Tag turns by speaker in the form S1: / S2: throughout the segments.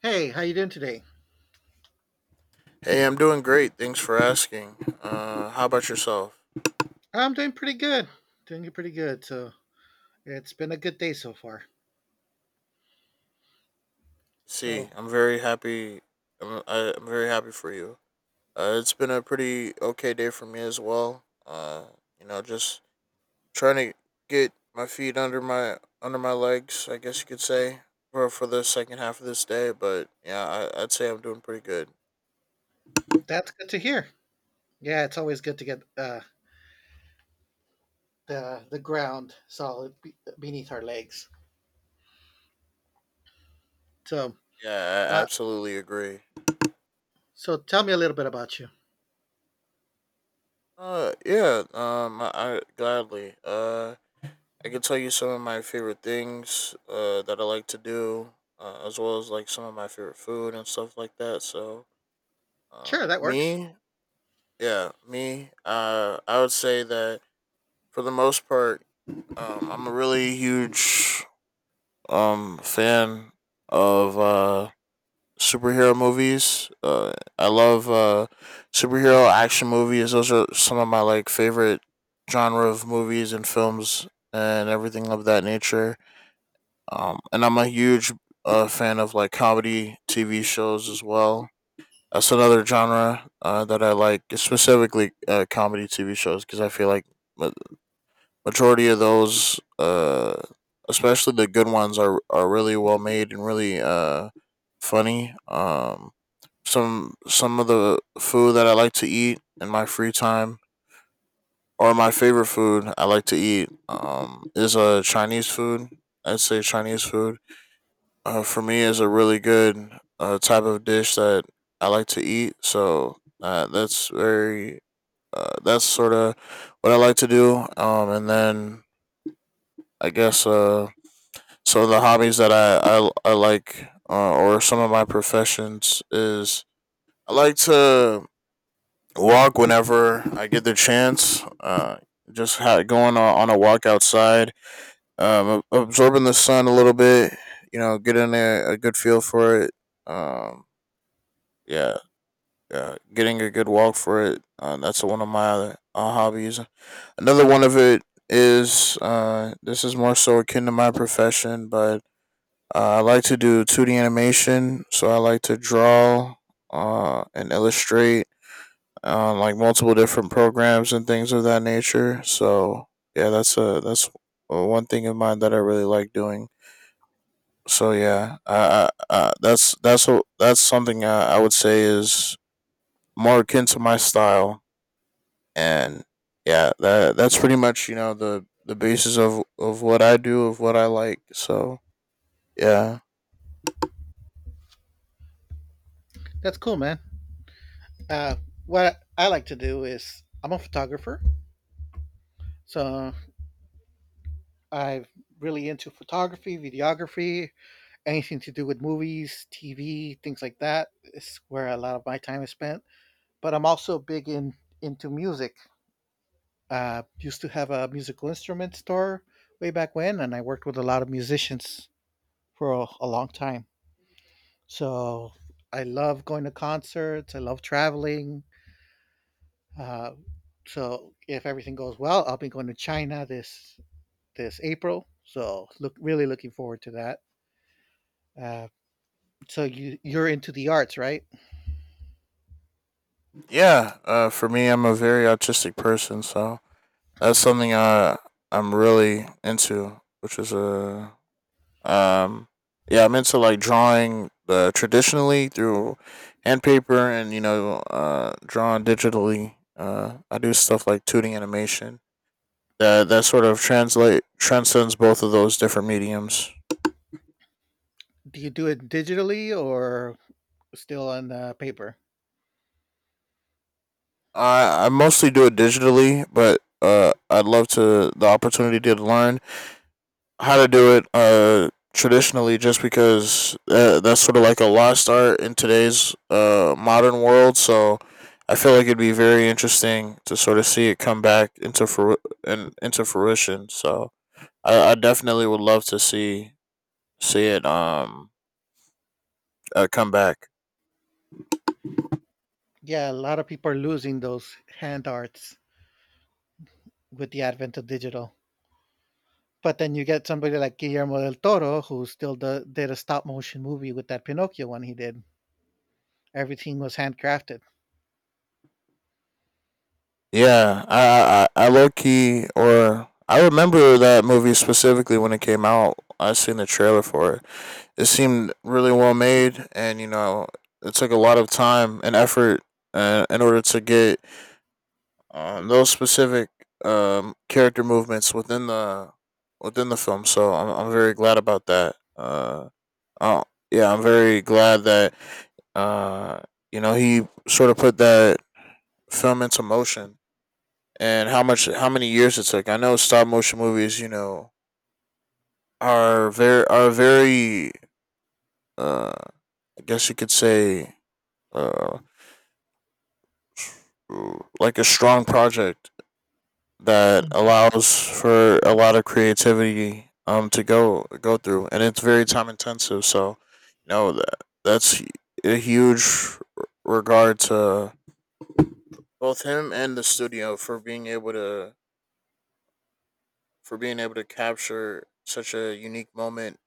S1: Hey, how you doing today?
S2: Hey, I'm doing great. Thanks for asking. How about yourself?
S1: I'm doing pretty good. Doing pretty good. So it's been a good day so far.
S2: See,
S1: So
S2: I'm very happy. I'm very happy for you. It's been a pretty okay day for me as well. Just trying to get my feet under my legs. I guess you could say for the second half of this day. But yeah, I'd say I'm doing pretty good.
S1: that's good to hear. Yeah, it's always good to get the ground solid beneath our legs. So
S2: Yeah, I
S1: uh,
S2: absolutely agree.
S1: so tell me a little bit about you.
S2: Yeah. I gladly. I can tell you some of my favorite things that I like to do, as well as like some of my favorite food and stuff like that. So, uh,
S1: Sure, that works.
S2: me, yeah, I would say that for the most part, I'm a really huge fan of superhero movies. I love superhero action movies. Those are some of my like favorite genre of movies and films and everything of that nature, and I'm a huge fan of like comedy TV shows as well. That's another genre that I like, specifically comedy TV shows, because I feel like ma- majority of those, especially the good ones, are really well made and really funny. Some of the food that I like to eat in my free time, or my favorite food I like to eat, is a Chinese food. I'd say Chinese food, for me, is a really good type of dish that I like to eat. So that's very that's sort of what I like to do. And then I guess So the hobbies that I like, or some of my professions, is I like to walk whenever I get the chance. Going on, a walk outside, absorbing the sun a little bit. You know, getting a good feel for it. Um, Yeah, yeah. Getting a good walk for it. That's one of my other hobbies. Another one of it is this is more so akin to my profession, but I like to do 2D animation. So I like to draw and illustrate like multiple different programs and things of that nature. So yeah, that's one thing in mind that I really like doing. So yeah, I that's something I would say is more akin to my style. And yeah, that that's pretty much, you know, the basis of what I do, of what I like. So yeah,
S1: That's cool, man. Uh, what I like to do is I'm a photographer, so I'm really into photography, videography, anything to do with movies, TV, things like that is where a lot of my time is spent. But I'm also big in into music. Used to have a musical instrument store way back when, and I worked with a lot of musicians for a long time. So I love going to concerts. I love traveling. Uh, so if everything goes well, I'll be going to China this April. So look, really looking forward to that. Uh, so you're into the arts, right?
S2: yeah. For me, I'm a very autistic person, so that's something I'm really into, which is a um yeah, I'm into like drawing, traditionally, through hand paper, and, you know, drawing digitally. I do stuff like 2D animation that that sort of translate transcends both of those different mediums.
S1: Do you do it digitally or still on paper?
S2: I mostly do it digitally, but I'd love to the opportunity to learn how to do it, traditionally, just because that's sort of like a lost art in today's modern world. So I feel like it'd be very interesting to sort of see it come back into into fruition. So I definitely would love to see see it come back.
S1: Yeah, a lot of people are losing those hand arts with the advent of digital. But then you get somebody like Guillermo del Toro, who did a stop motion movie with that Pinocchio one he did. Everything was handcrafted.
S2: Yeah, I low key, or I remember that movie specifically when it came out. I seen the trailer for it. It seemed really well made, and, you know, it took a lot of time and effort in order to get those specific character movements within the film. So I'm very glad about that. Oh yeah, I'm very glad that, uh, you know, he sort of put that film into motion, and how many years it took. I know stop motion movies, you know, are very, uh I guess you could say, uh like a strong project that
S1: Mm.
S2: allows for a lot of creativity, to go through, and it's very time intensive. So, you know, that's a huge regard to both him and the studio for being able to capture such a unique moment,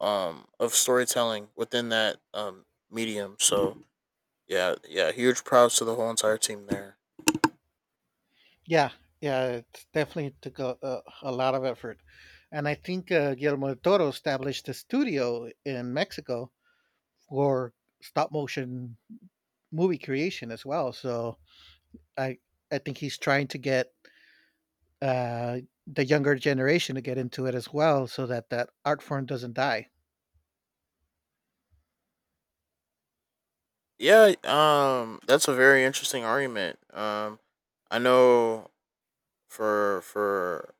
S2: of storytelling within that medium. So yeah, yeah, huge props to the whole entire team there.
S1: Yeah, yeah, it definitely took a lot of effort. And I think Guillermo del Toro established a studio in Mexico for stop motion movie creation as well. So I, I think he's trying to get uh, the younger generation to get into it as well so that that art form doesn't die.
S2: Yeah, that's a very interesting argument. I know for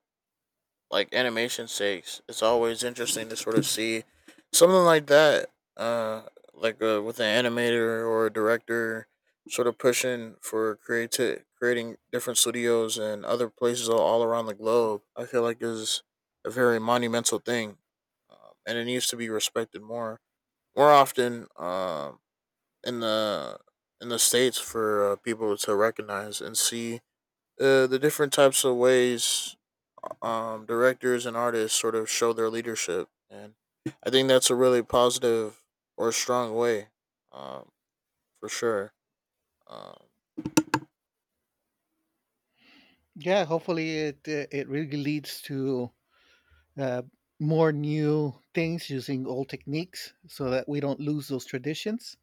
S2: like animation sakes, it's always interesting to sort of see something like that. With an animator or a director, sort of pushing for creating different studios and other places all around the globe. I feel like is a very monumental thing, and it needs to be respected more, more often. In the states for people to recognize and see the different types of ways, directors and artists sort of show their leadership, and I think that's a really positive or strong way, um, for sure. Um,
S1: Yeah, hopefully it it really leads to uh, more new things using old techniques, so that we don't lose those traditions.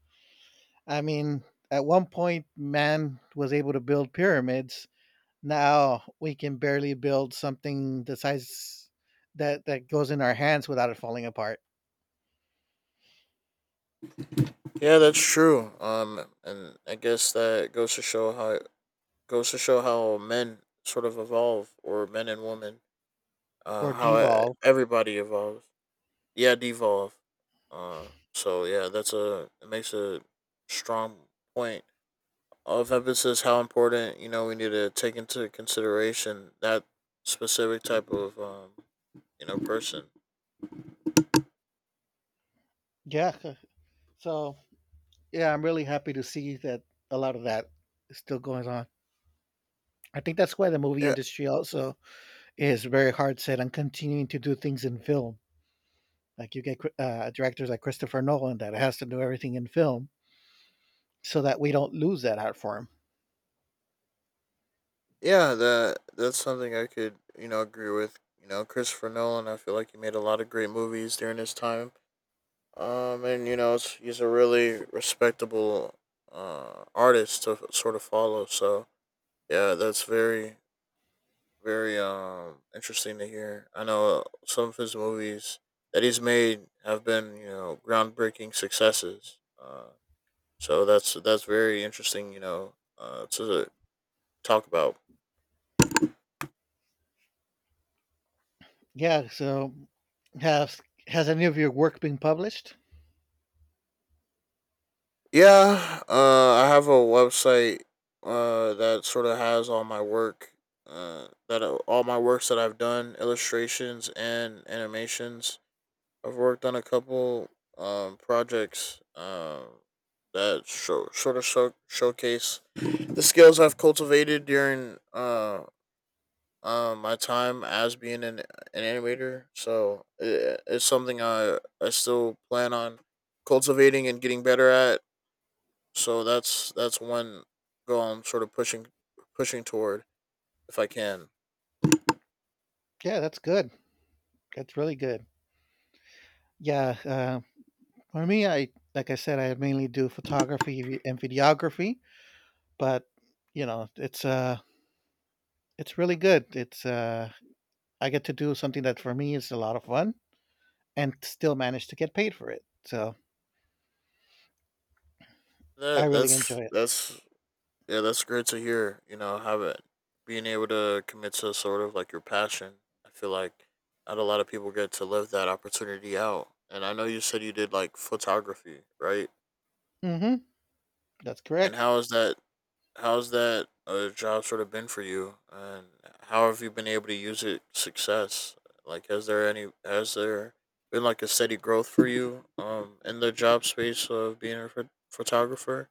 S1: I mean, at one point, man was able to build pyramids. Now we can barely build something the size that goes in our hands without it falling apart.
S2: yeah, that's true. And I guess that goes to show how men sort of evolve, or men and women,
S1: Or devolve.
S2: everybody evolves. Yeah, devolve. Uh, so yeah, that's a it makes a strong point of emphasis how important, you know, we need to take into consideration that specific type of, you know, person.
S1: Yeah, so yeah, I'm really happy to see that a lot of that is still going on. I think that's why the movie
S2: Yeah,
S1: industry also is very hard set on continuing to do things in film. Like you get directors like Christopher Nolan that has to do everything in film, so that we don't lose that art form.
S2: yeah, that that's something I could, you know, agree with. You know, Christopher Nolan, I feel like he made a lot of great movies during his time. And, you know, he's a really respectable artist to sort of follow. So yeah, that's very, interesting to hear. I know, some of his movies that he's made have been, you know, groundbreaking successes. So that's very interesting, you know, to talk about.
S1: Yeah. So has has any of your work been published?
S2: Yeah, I have a website, that sort of has all my work. That All my works that I've done, illustrations and animations. I've worked on a couple projects, that showcase the skills I've cultivated during my time as being an animator. So it's something I still plan on cultivating and getting better at. So that's one goal I'm sort of pushing toward, if I can.
S1: Yeah, that's good. That's really good. Yeah. For me, I like I said, I mainly do photography and videography, but you know, it's really good. It's I get to do something that for me is a lot of fun and still manage to get paid for it. So I
S2: That
S1: really enjoy it.
S2: that's Yeah, that's great to hear. You know, have it, being able to commit to sort of like your passion. I feel like not a lot of people get to live that opportunity out. And I know you said you did like photography, right?
S1: Hmm. That's
S2: And
S1: correct.
S2: how is that? How's that, job sort of been for you? And how have you been able to use it, success? Like, has there any? Has there been like a steady growth for you? In the job space of being a photographer.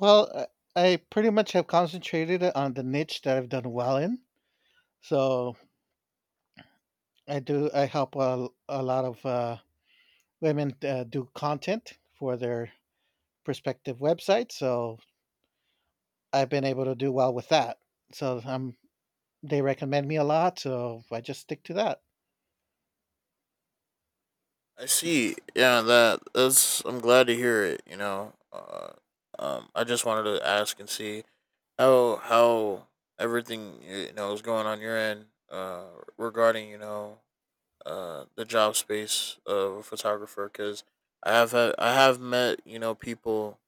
S1: Well, I pretty much have concentrated on the niche that I've done well in. So I do. I help a lot of women do content for their prospective website. So I've been able to do well with that. So they recommend me a lot. So I just stick to that.
S2: I see. Yeah, that that's. I'm glad to hear it, you know. I just wanted to ask and see how everything, you know, is going on your end. Regarding, you know, the job space of a photographer, because I have met, you know, people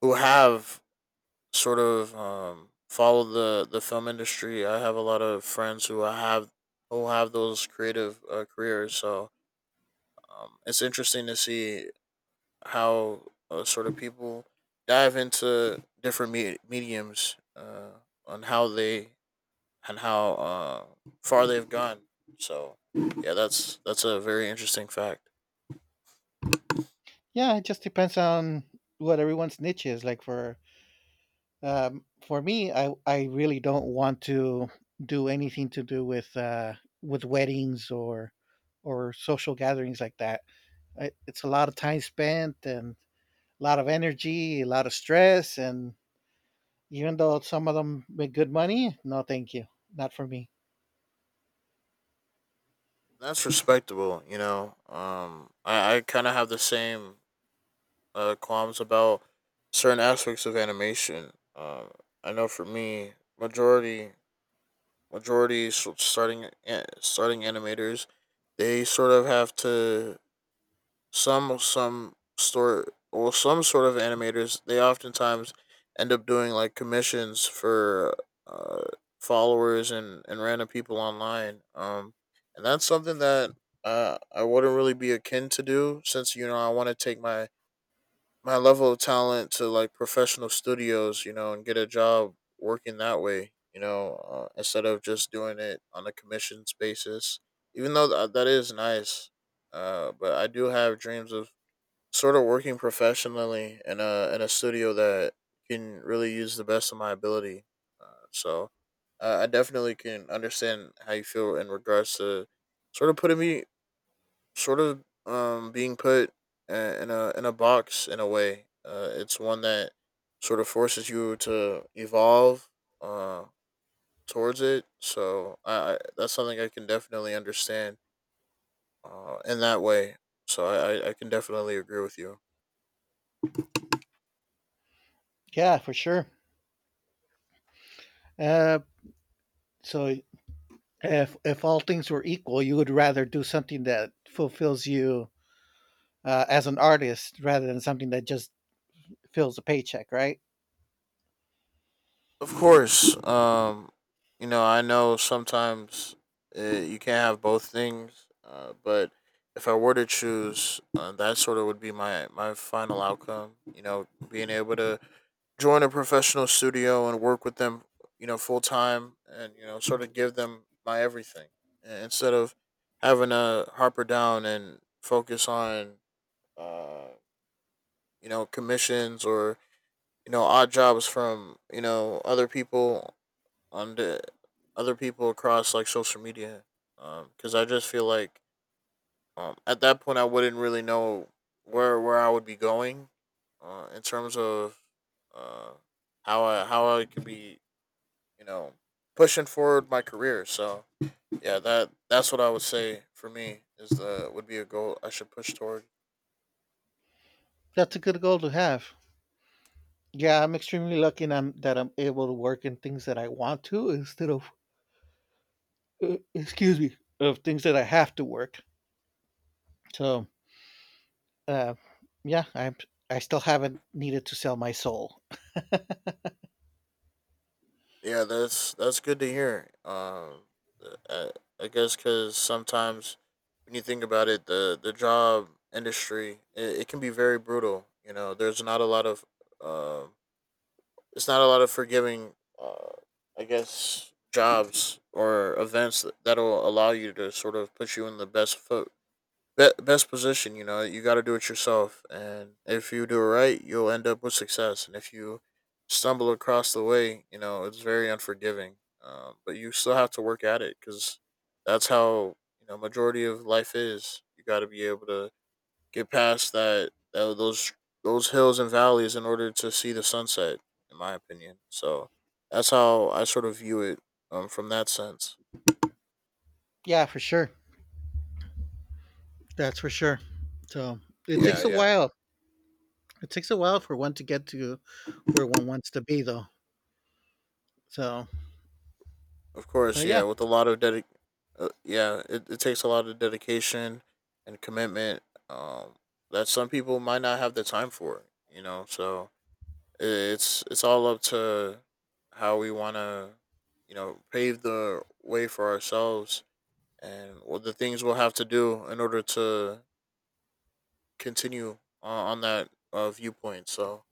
S2: who have sort of, followed the film industry. I have a lot of friends who have those creative careers. So it's interesting to see how, sort of, people dive into different mediums, on how they, and how far they've gone. So yeah, that's a very interesting fact.
S1: Yeah, it just depends on what everyone's niche is. For me, I really don't want to do anything to do with weddings or social gatherings like that. I, it's a lot of time spent and a lot of energy, a lot of stress, and even though some of them make good money, no, thank you, not for me.
S2: That's respectable, you know. I kind of have the same, qualms about certain aspects of animation. I know, for me, majority, starting animators, they sort of have to some store well some sort of animators, they oftentimes end up doing like commissions for, uh, followers and random people online, and that's something that, I wouldn't really be akin to do, since, you know, I want to take my level of talent to like professional studios, you know, and get a job working that way, you know, instead of just doing it on a commissions basis. Even though that is nice, but I do have dreams of sort of working professionally in a studio that can really use the best of my ability. So I definitely can understand how you feel in regards to sort of being put, uh, in a box, in a way. It's one that sort of forces you to evolve uh towards it. So I that's something I can definitely understand in that way. So I can definitely agree with you.
S1: Yeah, for sure. Uh, so if all things were equal, you would rather do something that fulfills you as an artist rather than something that just fills a paycheck, right?
S2: Of course. I know sometimes you can't have both things, but if I were to choose, that sort of would be my final outcome. You know, being able to join a professional studio and work with them, you know, full time, and sort of give them my everything instead of having to harper down and focus on, uh, commissions or odd jobs from other people to other people across like social media because I just feel like at that point I wouldn't really know where I would be going in terms of uh how I could be you know pushing forward my career. So yeah, that's what I would say for me is the would be a goal I should push toward.
S1: That's a good goal to have. Yeah, I'm extremely lucky and that I'm able to work in things that I want to instead of, excuse me, of things that I have to work. So, uh, yeah, I'm, I still haven't needed to sell my soul.
S2: Yeah, that's good to hear. Uh, I, I guess because sometimes when you think about it, the job industry it can be very brutal. You know, there's not a lot of um, it's not a lot of forgiving. Uh, I guess jobs or that'll allow you to sort of put you in the best foot that's position. You know, you got to do it yourself, and if you do it right, you'll end up with success. And if you stumble across the way, you know it's very unforgiving. But you still have to work at it because that's how majority of life is. You got to be able to get past that those hills and valleys in order to see the sunset. In my opinion. So that's how I view it from that sense.
S1: Yeah, for sure. That's for sure. So it
S2: Yeah,
S1: takes a
S2: yeah.
S1: while. It takes a while for one to get to where one wants to be, though. So,
S2: Of course,
S1: but
S2: yeah, with a lot of dedic yeah, it takes a lot of dedication and commitment um that some people might not have the time for, you know. So it's all up to how we want to, you know, pave the way for ourselves and what the things we'll have to do in order to continue on that viewpoint. So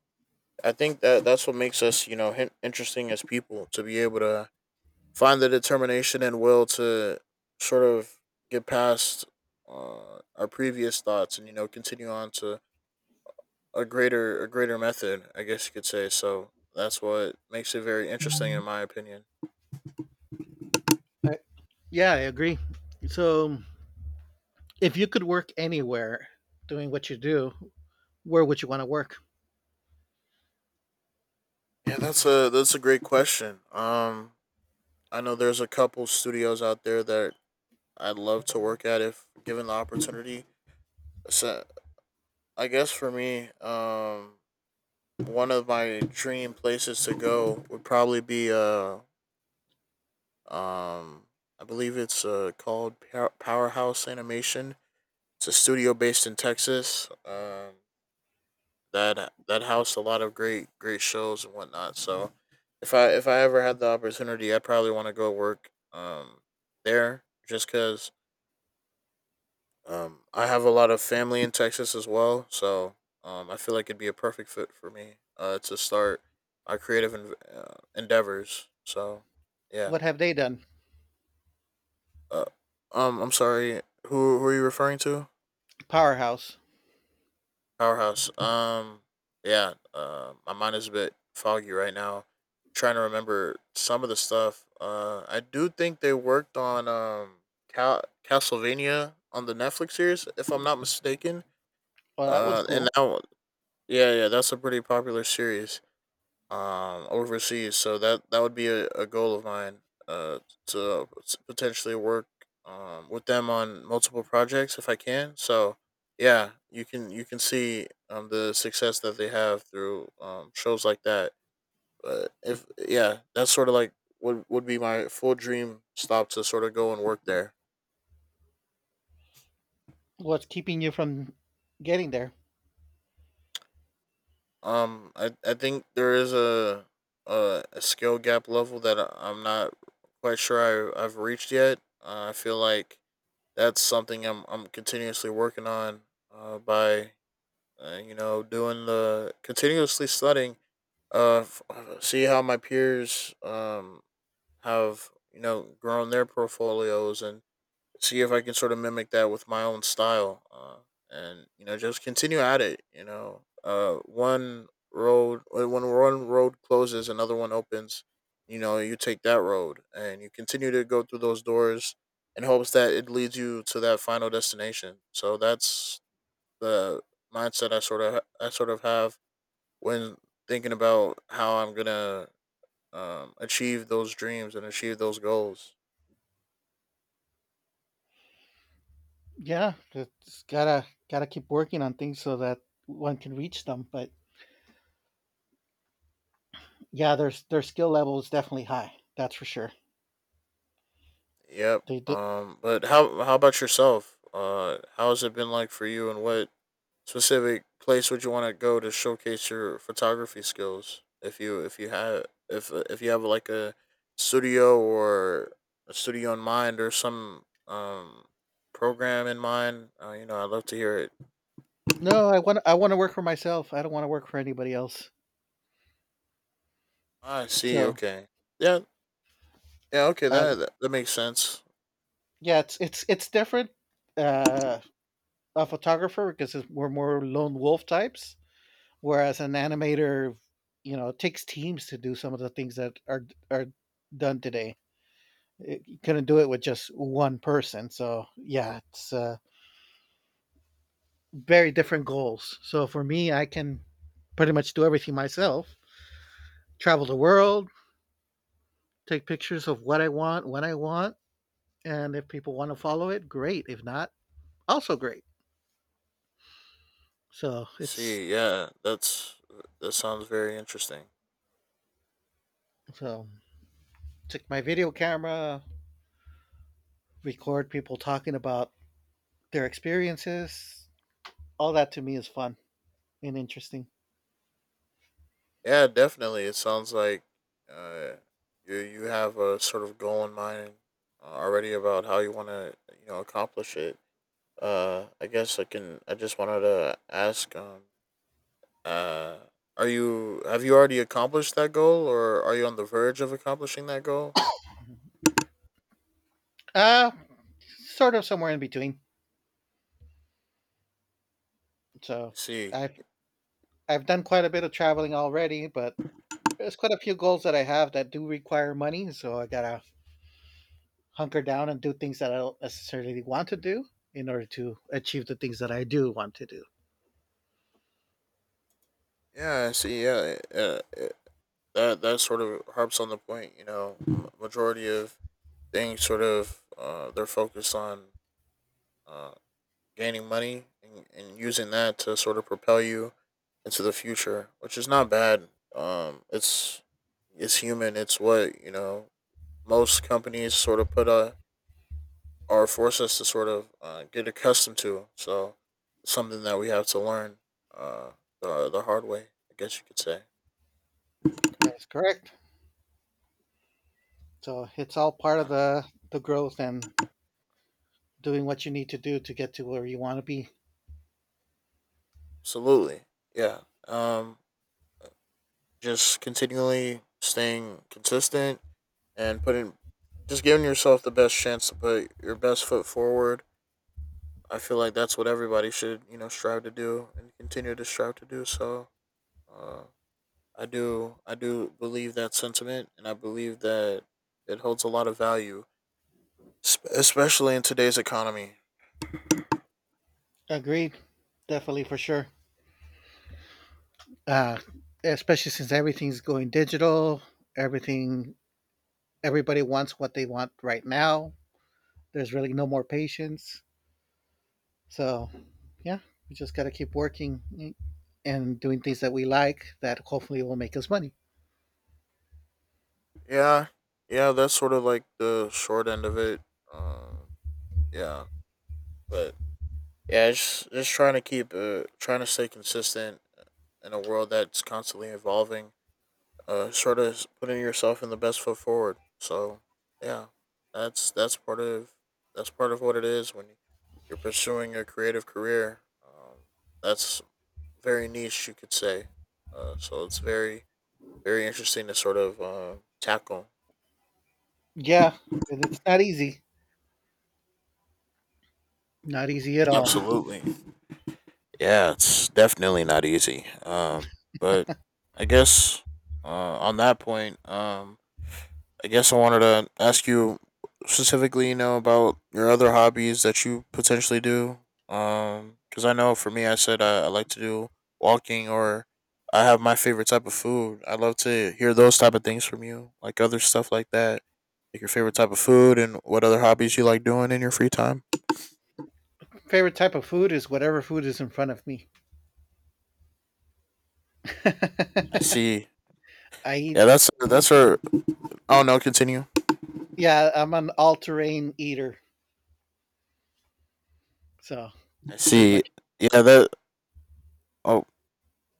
S2: I think that that's what makes us, you know, interesting as people to be able to find the determination and will to sort of get past our previous thoughts and continue on to a greater method, I guess you could say. So that's what makes it very interesting, in my opinion.
S1: I, yeah, I agree. So, if you could work anywhere doing what you do, where would you want to work?
S2: Yeah, that's a great question. I know there's a couple studios out there that I'd love to work at if given the opportunity. So I guess for me, one of my dream places to go would probably be Um, I believe it's called Powerhouse Animation. It's a studio based in Texas. That housed a lot of great shows and whatnot. So if I ever had the opportunity, I'd probably want to go work there just because I have a lot of family in Texas as well. So I feel like it'd be a perfect fit for me to start my creative endeavors. So yeah.
S1: What have they done?
S2: Uh, I'm sorry. Who are you referring to?
S1: Powerhouse.
S2: Powerhouse. Yeah. My mind is a bit foggy right now. Trying to remember some of the stuff. I do think they worked on Castlevania, on the Netflix series, if I'm not mistaken.
S1: Well, that was
S2: And
S1: cool.
S2: now, yeah, yeah, that's a pretty popular series overseas. So that would be a goal of mine uh to potentially work with them on multiple projects if I can. So yeah, you can see the success that they have through shows like that. But if, yeah, that's sort of like would be my full dream stop to sort of go and work there.
S1: What's keeping you from getting there?
S2: I think there is a a skill gap level that I'm not quite sure I've reached yet. I feel like that's something I'm continuously working on. By You know, doing the continuously studying. See how my peers have grown their portfolios and see if I can sort of mimic that with my own style, and you know, just continue at it. You know, one road when one road closes, another one opens. You know, you take that road, and you continue to go through those doors in hopes that it leads you to that final destination. So that's the mindset I I sort of have when thinking about how I'm gonna, achieve those dreams and achieve those goals.
S1: Yeah, it's gotta keep working on things so that one can reach them. But yeah, their skill level is definitely high. That's for sure.
S2: Yep.
S1: They
S2: But how about yourself? How has it been like for you, and what specific place would you want to go to showcase your photography skills? If you, if you have if you have like a studio or a studio in mind, or some program in mind, you know, I'd love to hear it.
S1: No, I want to work for myself. I don't want to work for anybody else.
S2: Ah, I see.
S1: So
S2: Okay. Yeah. Yeah. Okay.
S1: uh,
S2: That that makes sense.
S1: yeah, it's it's different. Uh, a photographer because we're more lone wolf types, whereas an animator, you know, it takes teams to do some of the things that are done today. It, you couldn't do it with just one person. So yeah, it's very different goals. So for me, I can pretty much do everything myself. Travel the world, take pictures of what I want when I want, and if people want to follow it, great. If not, also great. So it's
S2: See. Yeah. That's, that sounds very interesting.
S1: so took my video camera, record people talking about their experiences. All that to me is fun and interesting.
S2: Yeah, definitely. It sounds like uh, you have a sort of goal in mind, already about how you want to, you know, accomplish it. I guess I can. I just wanted to ask. Uh, are you, have you already accomplished that goal, or are you on the verge of accomplishing that goal?
S1: Uh Sort of somewhere in between. So
S2: I see.
S1: I I've done quite a bit of traveling already, but there's quite a few goals that I have that do require money, so I gotta hunker down and do things that I don't necessarily want to do in order to achieve the things that I do want to do.
S2: Yeah, I see. Yeah, that that sort of harps on the point. You know, majority of things sort of they're focused on Uh, gaining money, and using that to sort of propel you into the future, which is not bad. Um, it's it's human. It's what you know. Most companies sort of put a, or force us to sort of, get accustomed to. So it's something that we have to learn, uh, the hard way, I guess you could say.
S1: That's correct. So it's all part of
S2: Yeah,
S1: the growth and doing what you need to do to get to where you want to be.
S2: absolutely. Yeah. Um, just continually staying consistent and putting, just giving yourself the best chance to put your best foot forward. I feel like that's what everybody should, you know, strive to do and continue to strive to do. So, uh, I do, believe that sentiment, and I believe that it holds a lot of value, especially in today's economy.
S1: Agreed. Definitely for sure. Uh, Especially since everything's going digital, everything everybody wants what they want right now. There's really no more patience. So, yeah, we just got to keep working and doing things that we like that hopefully will make us money.
S2: Yeah, yeah, that's sort of like the short end of it. Um, yeah, but yeah, just trying to keep, trying to stay consistent in a world that's constantly evolving, sort of putting yourself in the best foot forward. So yeah, that's that's part of what it is when you're pursuing a creative career. That's very niche, you could say. So it's very interesting to sort of, tackle.
S1: Yeah, and it's not easy. Not easy at all.
S2: Absolutely. Yeah, it's definitely not easy. But I guess on that point, I guess I wanted to ask you specifically, you know, about your other hobbies that you potentially do. Because I know for me, I said I like to do walking, or I have my favorite type of food. I love to hear those type of things from you, like other stuff like that, like your favorite type of food and what other hobbies you like doing in your free time.
S1: Favorite type of food is whatever food is in front of me.
S2: I see.
S1: I eat,
S2: Yeah, that's her. Oh no, continue.
S1: yeah, I'm an all terrain eater. So,
S2: I
S1: pretty
S2: see.
S1: much.
S2: Yeah, that. Oh,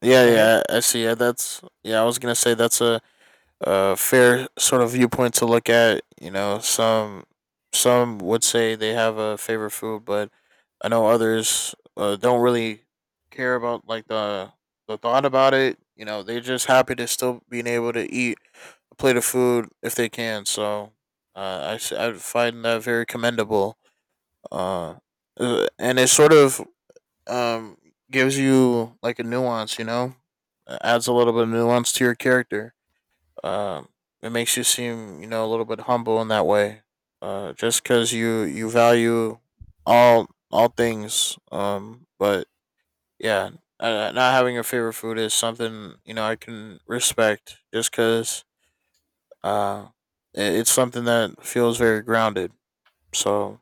S2: yeah,
S1: Go ahead.
S2: yeah. I see. Yeah, that's. Yeah, I was gonna say that's a, fair sort of viewpoint to look at. You know, some would say they have a favorite food, but I know others don't really care about like the thought about it. You know, they're just happy to still being able to eat a plate of food if they can. So I find that very commendable. Uh, and it sort of, um gives you like a nuance. You know, adds a little bit of nuance to your character, um, it makes you seem, you know, a little bit humble in that way. Just because you value all things. But yeah, not having your favorite food is something, you know, I can respect, just because, uh, it, it's something that feels very grounded. So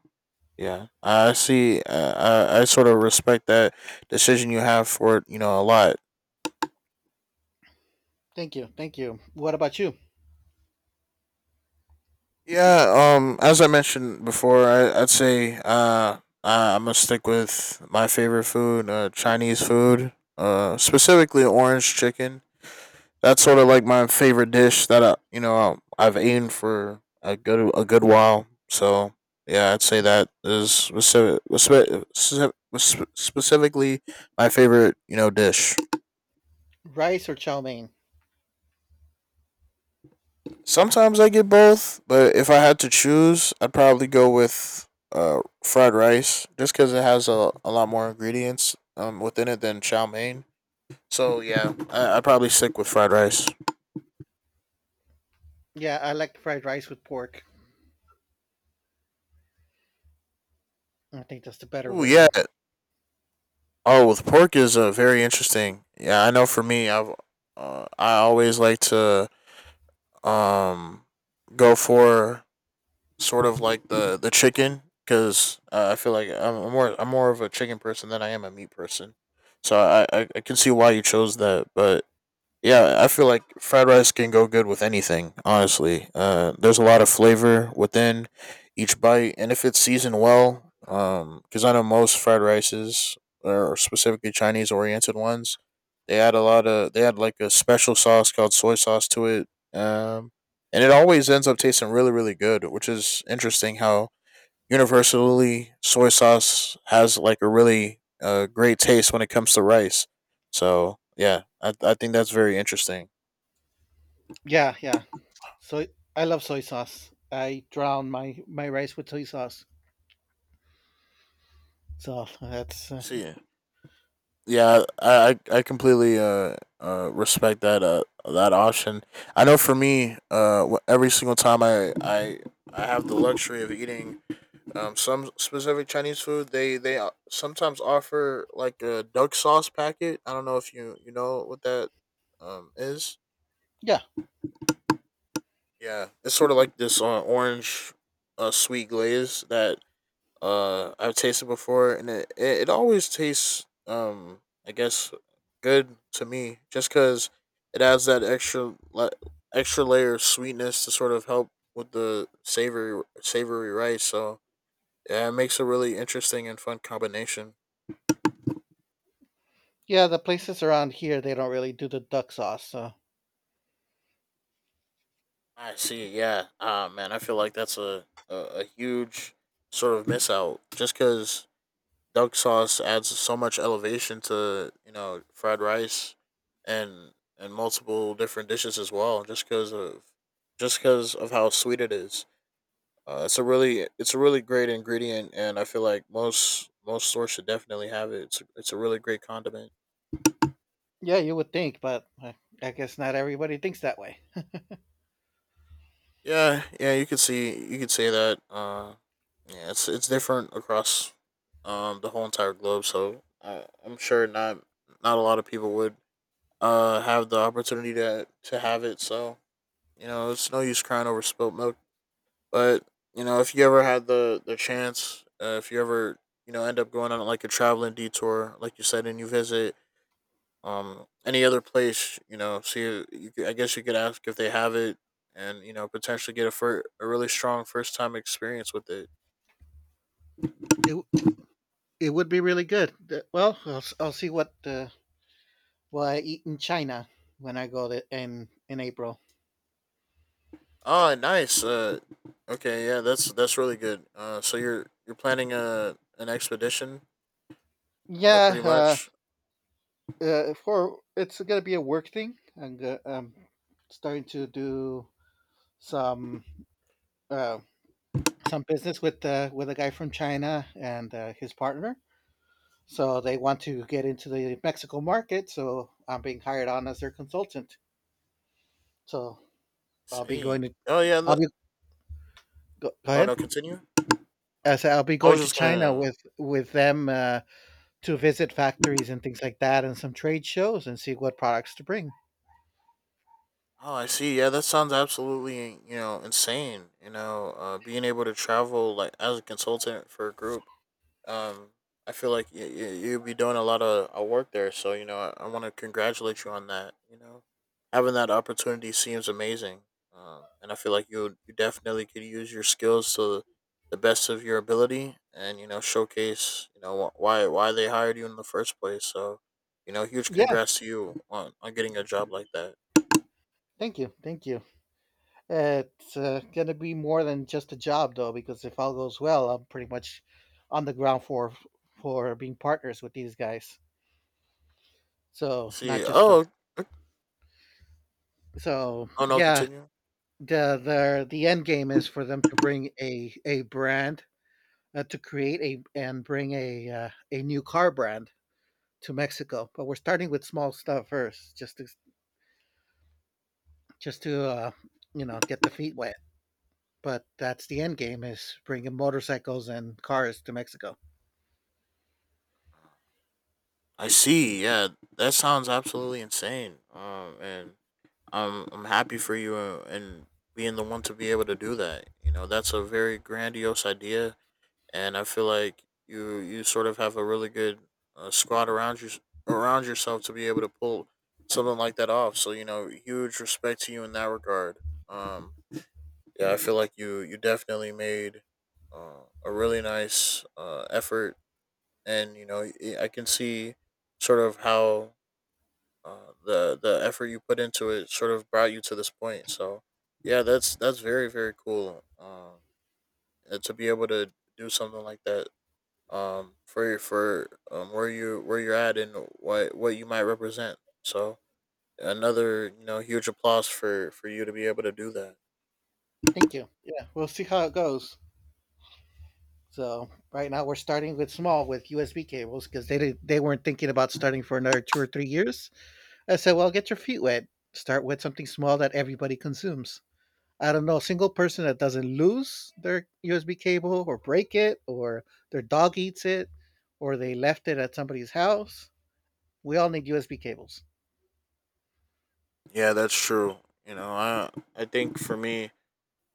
S2: yeah, I see. I sort of respect that decision you have for it. You know, a lot.
S1: Thank you. Thank you. What about you?
S2: Yeah, as I mentioned before, I'd say I'm gonna stick with my favorite food, Chinese food, specifically orange chicken. That's sort of like my favorite dish that I've eaten for a good while. So yeah, I'd say that is specific, specifically my favorite, you know, dish.
S1: Rice or chow mein?
S2: Sometimes I get both, but if I had to choose, I'd probably go with fried rice just because it has a lot more ingredients within it than chow mein. So, yeah, I'd probably stick with fried rice.
S1: Yeah, I like fried rice with pork. I think that's the better
S2: Ooh, yeah.
S1: version.
S2: Oh, with pork is very interesting. Yeah, I know for me, I always like to um, go for sort of like the chicken because I feel like I'm more of a chicken person than I am a meat person. So I can see why you chose that, but yeah, I feel like fried rice can go good with anything, honestly. There's a lot of flavor within each bite, and if it's seasoned well, because I know most fried rices, or specifically Chinese oriented ones, they add like a special sauce called soy sauce to it. Um, and it always ends up tasting really, really good, which is interesting how universally, soy sauce has like a really great taste when it comes to rice. So yeah, I think that's very interesting.
S1: Yeah, yeah. So I love soy sauce. I drown my rice with soy sauce. So that's
S2: See, ya. Yeah, I completely respect that that option. I know for me, every single time I have the luxury of eating some specific Chinese food, they sometimes offer like a duck sauce packet. I don't know if you you know what that is.
S1: yeah,
S2: Yeah, it's sort of like this orange sweet glaze that I've tasted before, and it always tastes, I guess, good to me just because it adds that extra layer of sweetness to sort of help with the savory rice. So yeah, it makes a really interesting and fun combination.
S1: yeah. The places around here they don't really do the duck sauce. So
S2: I see. Yeah. Ah, man, I feel like that's a huge sort of miss out just because duck sauce adds so much elevation to you know fried rice and and multiple different dishes as well just because of how sweet it is. It's a really great ingredient, and I feel like most stores should definitely have it. It's it's a really great condiment.
S1: yeah, you would think, but I guess not everybody thinks that way.
S2: Yeah you could see, you could say that. Yeah, it's different across the whole entire globe. So I'm sure not a lot of people would have the opportunity to have it. So you know, it's no use crying over spilt milk. But you know, if you ever had the chance, if you ever you know end up going on like a traveling detour, like you said, and you visit any other place, you know, I guess you could ask if they have it, and you know, potentially get a a really strong first time experience with it.
S1: It w- it would be really good. Well, I'll see what I eat in China when I go to, in April.
S2: Oh, nice. Okay, yeah, that's really good. So you're planning a an expedition,
S1: Yeah,
S2: pretty much.
S1: for it's gonna be a work thing. Um, starting to do some uh, some business with a guy from China and his partner. So they want to get into the Mexico market. So I'm being hired on as their consultant. So I'll be
S2: See.
S1: going to
S2: Oh yeah.
S1: I'll
S2: The,
S1: go
S2: oh
S1: ahead.
S2: no. Continue.
S1: As I'll be
S2: I
S1: going
S2: was
S1: to
S2: just
S1: China
S2: gonna.
S1: with them to visit factories and things like that, and some trade shows and see what products to bring.
S2: Oh, I see. Yeah, that sounds absolutely you know insane. You know, being able to travel like as a consultant for a group. Um, I feel like you'll be doing a lot of work there. So, you know, I want to congratulate you on that. You know, having that opportunity seems amazing. And I feel like you definitely could use your skills to the best of your ability and, you know, showcase, you know, why they hired you in the first place. So, you know, huge
S1: Yeah,
S2: congrats to you on getting a job like that.
S1: thank you. It's gonna be more than just a job though, because if all goes well, I'm pretty much on the ground for being partners with these guys. So not
S2: See,
S1: just a
S2: oh,
S1: so
S2: oh no,
S1: yeah,
S2: continue.
S1: the end game is for them to bring a brand to create a and bring a new car brand to Mexico. But we're starting with small stuff first, just to just to uh, you know get the feet wet. But that's the end game is bringing motorcycles and cars to Mexico.
S2: I see. Yeah, that sounds absolutely insane. And I'm happy for you and being the one to be able to do that. You know, that's a very grandiose idea, and I feel like you sort of have a really good squad around yourself to be able to pull something like that off. So you know, huge respect to you in that regard. Um, yeah, I feel like you definitely made a really nice effort, and you know, I can see sort of how the effort you put into it sort of brought you to this point. So yeah, that's very very cool. And to be able to do something like that, for where you where you're at and what you might represent. So another you know huge applause for you to be able to do that.
S1: Thank you. Yeah, we'll see how it goes. So right now we're starting with small with USB cables because they weren't thinking about starting for another two or three years. I said, well, get your feet wet. Start with something small that everybody consumes. I don't know, a single person that doesn't lose their USB cable or break it or their dog eats it or they left it at somebody's house. We all need USB cables.
S2: Yeah, that's true. You know, I think for me,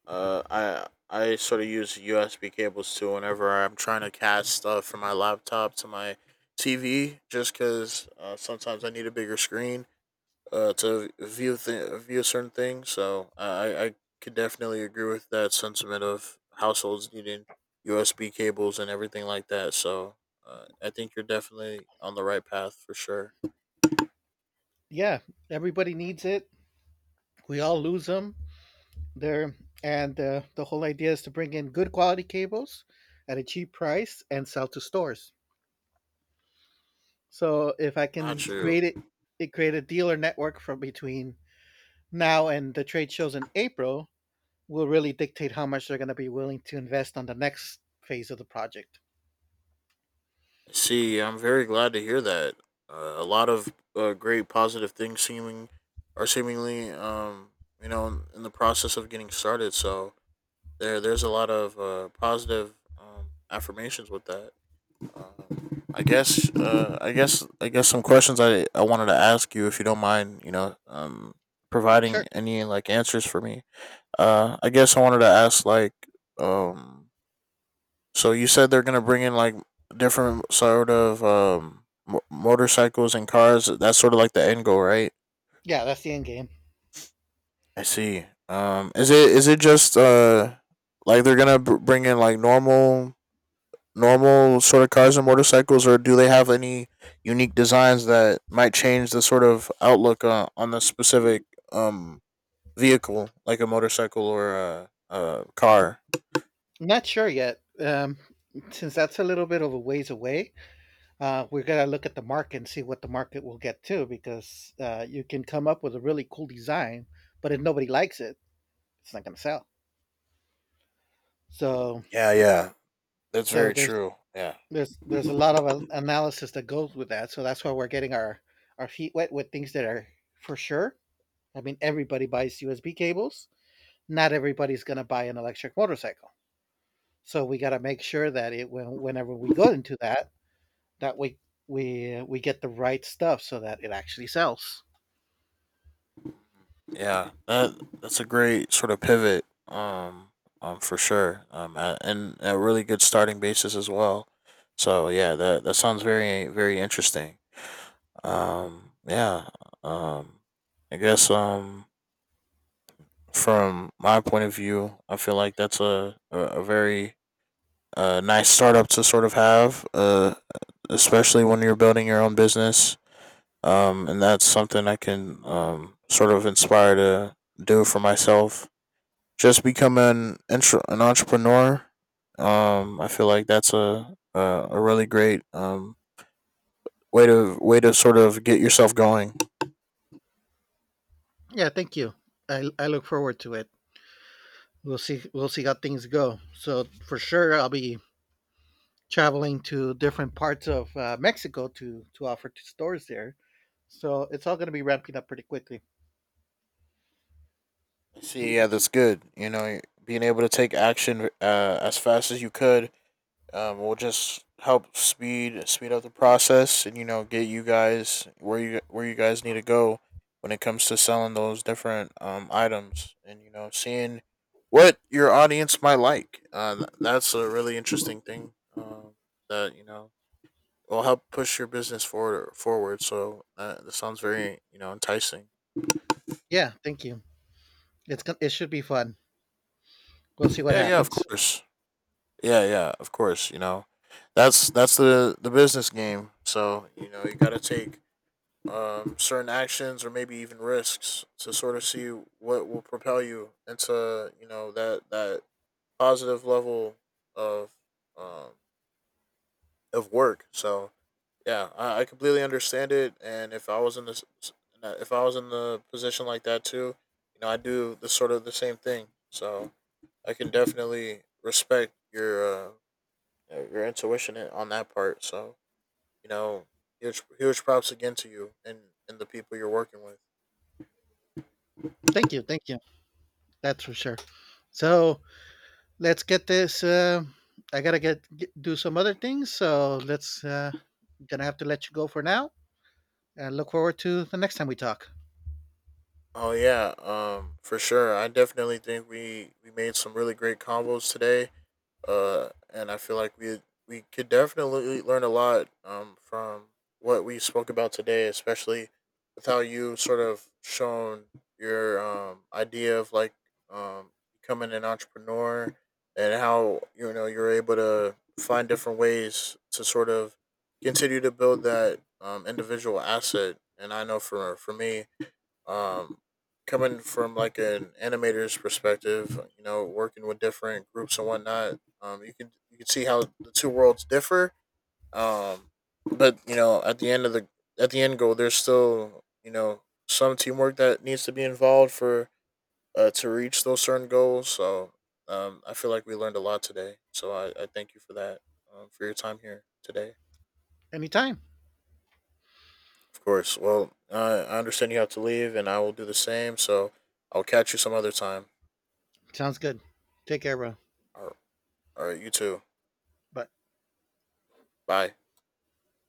S2: I sort of use USB cables too whenever I'm trying to cast stuff from my laptop to my TV, just because sometimes I need a bigger screen to view certain things. So I could definitely agree with that sentiment of households needing USB cables and everything like that. So I think you're definitely on the right path for sure.
S1: Yeah, everybody needs it. We all lose them. They're, and the whole idea is to bring in good quality cables at a cheap price and sell to stores. So if I can
S2: Got you.
S1: create it, create a dealer network from between now and the trade shows in April, will really dictate how much they're going to be willing to invest on the next phase of the project.
S2: See, I'm very glad to hear that. A lot of great positive things seeming are seemingly, you know, in the process of getting started. So there's a lot of positive affirmations with that. I guess some questions I wanted to ask you, if you don't mind, you know, providing
S1: Sure.
S2: any like answers for me. I guess I wanted to ask like, um, so you said they're gonna bring in like different sort of motorcycles and cars. That's sort of like the end goal, right?
S1: Yeah, that's the end game.
S2: I see. Is it just like they're gonna bring in like normal sort of cars and motorcycles, or do they have any unique designs that might change the sort of outlook on the specific um vehicle, like a motorcycle or a car?
S1: Not sure yet. Since that's a little bit of a ways away, we're going to look at the market and see what the market will get to because you can come up with a really cool design, but if nobody likes it, it's not going to sell. So,
S2: Yeah, that's
S1: so
S2: very
S1: there's
S2: true. Yeah.
S1: there's there's a lot of analysis that goes with that. So that's why we're getting our feet wet with things that are for sure. I mean, everybody buys USB cables, not everybody's going to buy an electric motorcycle. So we got to make sure that it whenever we go into that, that we we get the right stuff so that it actually sells.
S2: Yeah, that that's a great sort of pivot. For sure. And a really good starting basis as well. So yeah, that that sounds very very interesting. Um, yeah. Um, I guess from my point of view, I feel like that's a very nice startup to sort of have. Especially when you're building your own business. And that's something I can sort of inspire to do for myself, just become an entrepreneur. I feel like that's a really great way to sort of get yourself going.
S1: Yeah, thank you. I look forward to it. We'll see how things go. So for sure, I'll be traveling to different parts of Mexico to offer to stores there. So it's all going to be ramping up pretty quickly.
S2: See, yeah, that's good. You know, being able to take action as fast as you could. Will just help speed up the process, and you know, get you guys where you guys need to go when it comes to selling those different items, and you know, seeing what your audience might like. That's a really interesting thing that you know will help push your business forward. Forward, so that sounds very you know enticing.
S1: Yeah, thank you. It's it should be fun. We'll see what
S2: Yeah, yeah, of
S1: happens.
S2: course. Yeah, yeah, of course. You know, that's the business game. So you know, you got to take certain actions or maybe even risks to sort of see what will propel you into you know that positive level of um, of work. So yeah, I completely understand it. And if I was in this, if I was in the position like that too, you know, I do the sort of the same thing. So I can definitely respect your intuition on that part. So you know, huge huge props again to you and the people you're working with.
S1: Thank you. That's for sure. So let's get this. I gotta get do some other things, so let's. Gonna have to let you go for now, and look forward to the next time we talk.
S2: Oh yeah, for sure. I definitely think we made some really great combos today. And I feel like we could definitely learn a lot from what we spoke about today, especially with how you sort of shown your idea of like um becoming an entrepreneur, and how you know you're able to find different ways to sort of continue to build that individual asset. And I know for me um, coming from like an animator's perspective, you know, working with different groups and whatnot, you can see how the two worlds differ. Um, but you know, at the end of the at the end goal, there's still you know some teamwork that needs to be involved for to reach those certain goals. So I feel like we learned a lot today. So I thank you for that for your time here today.
S1: Anytime.
S2: Of course. Well, I understand you have to leave, and I will do the same. So I'll catch you some other time.
S1: Sounds good. Take care, bro.
S2: All right. All right, you too.
S1: Bye.
S2: Bye.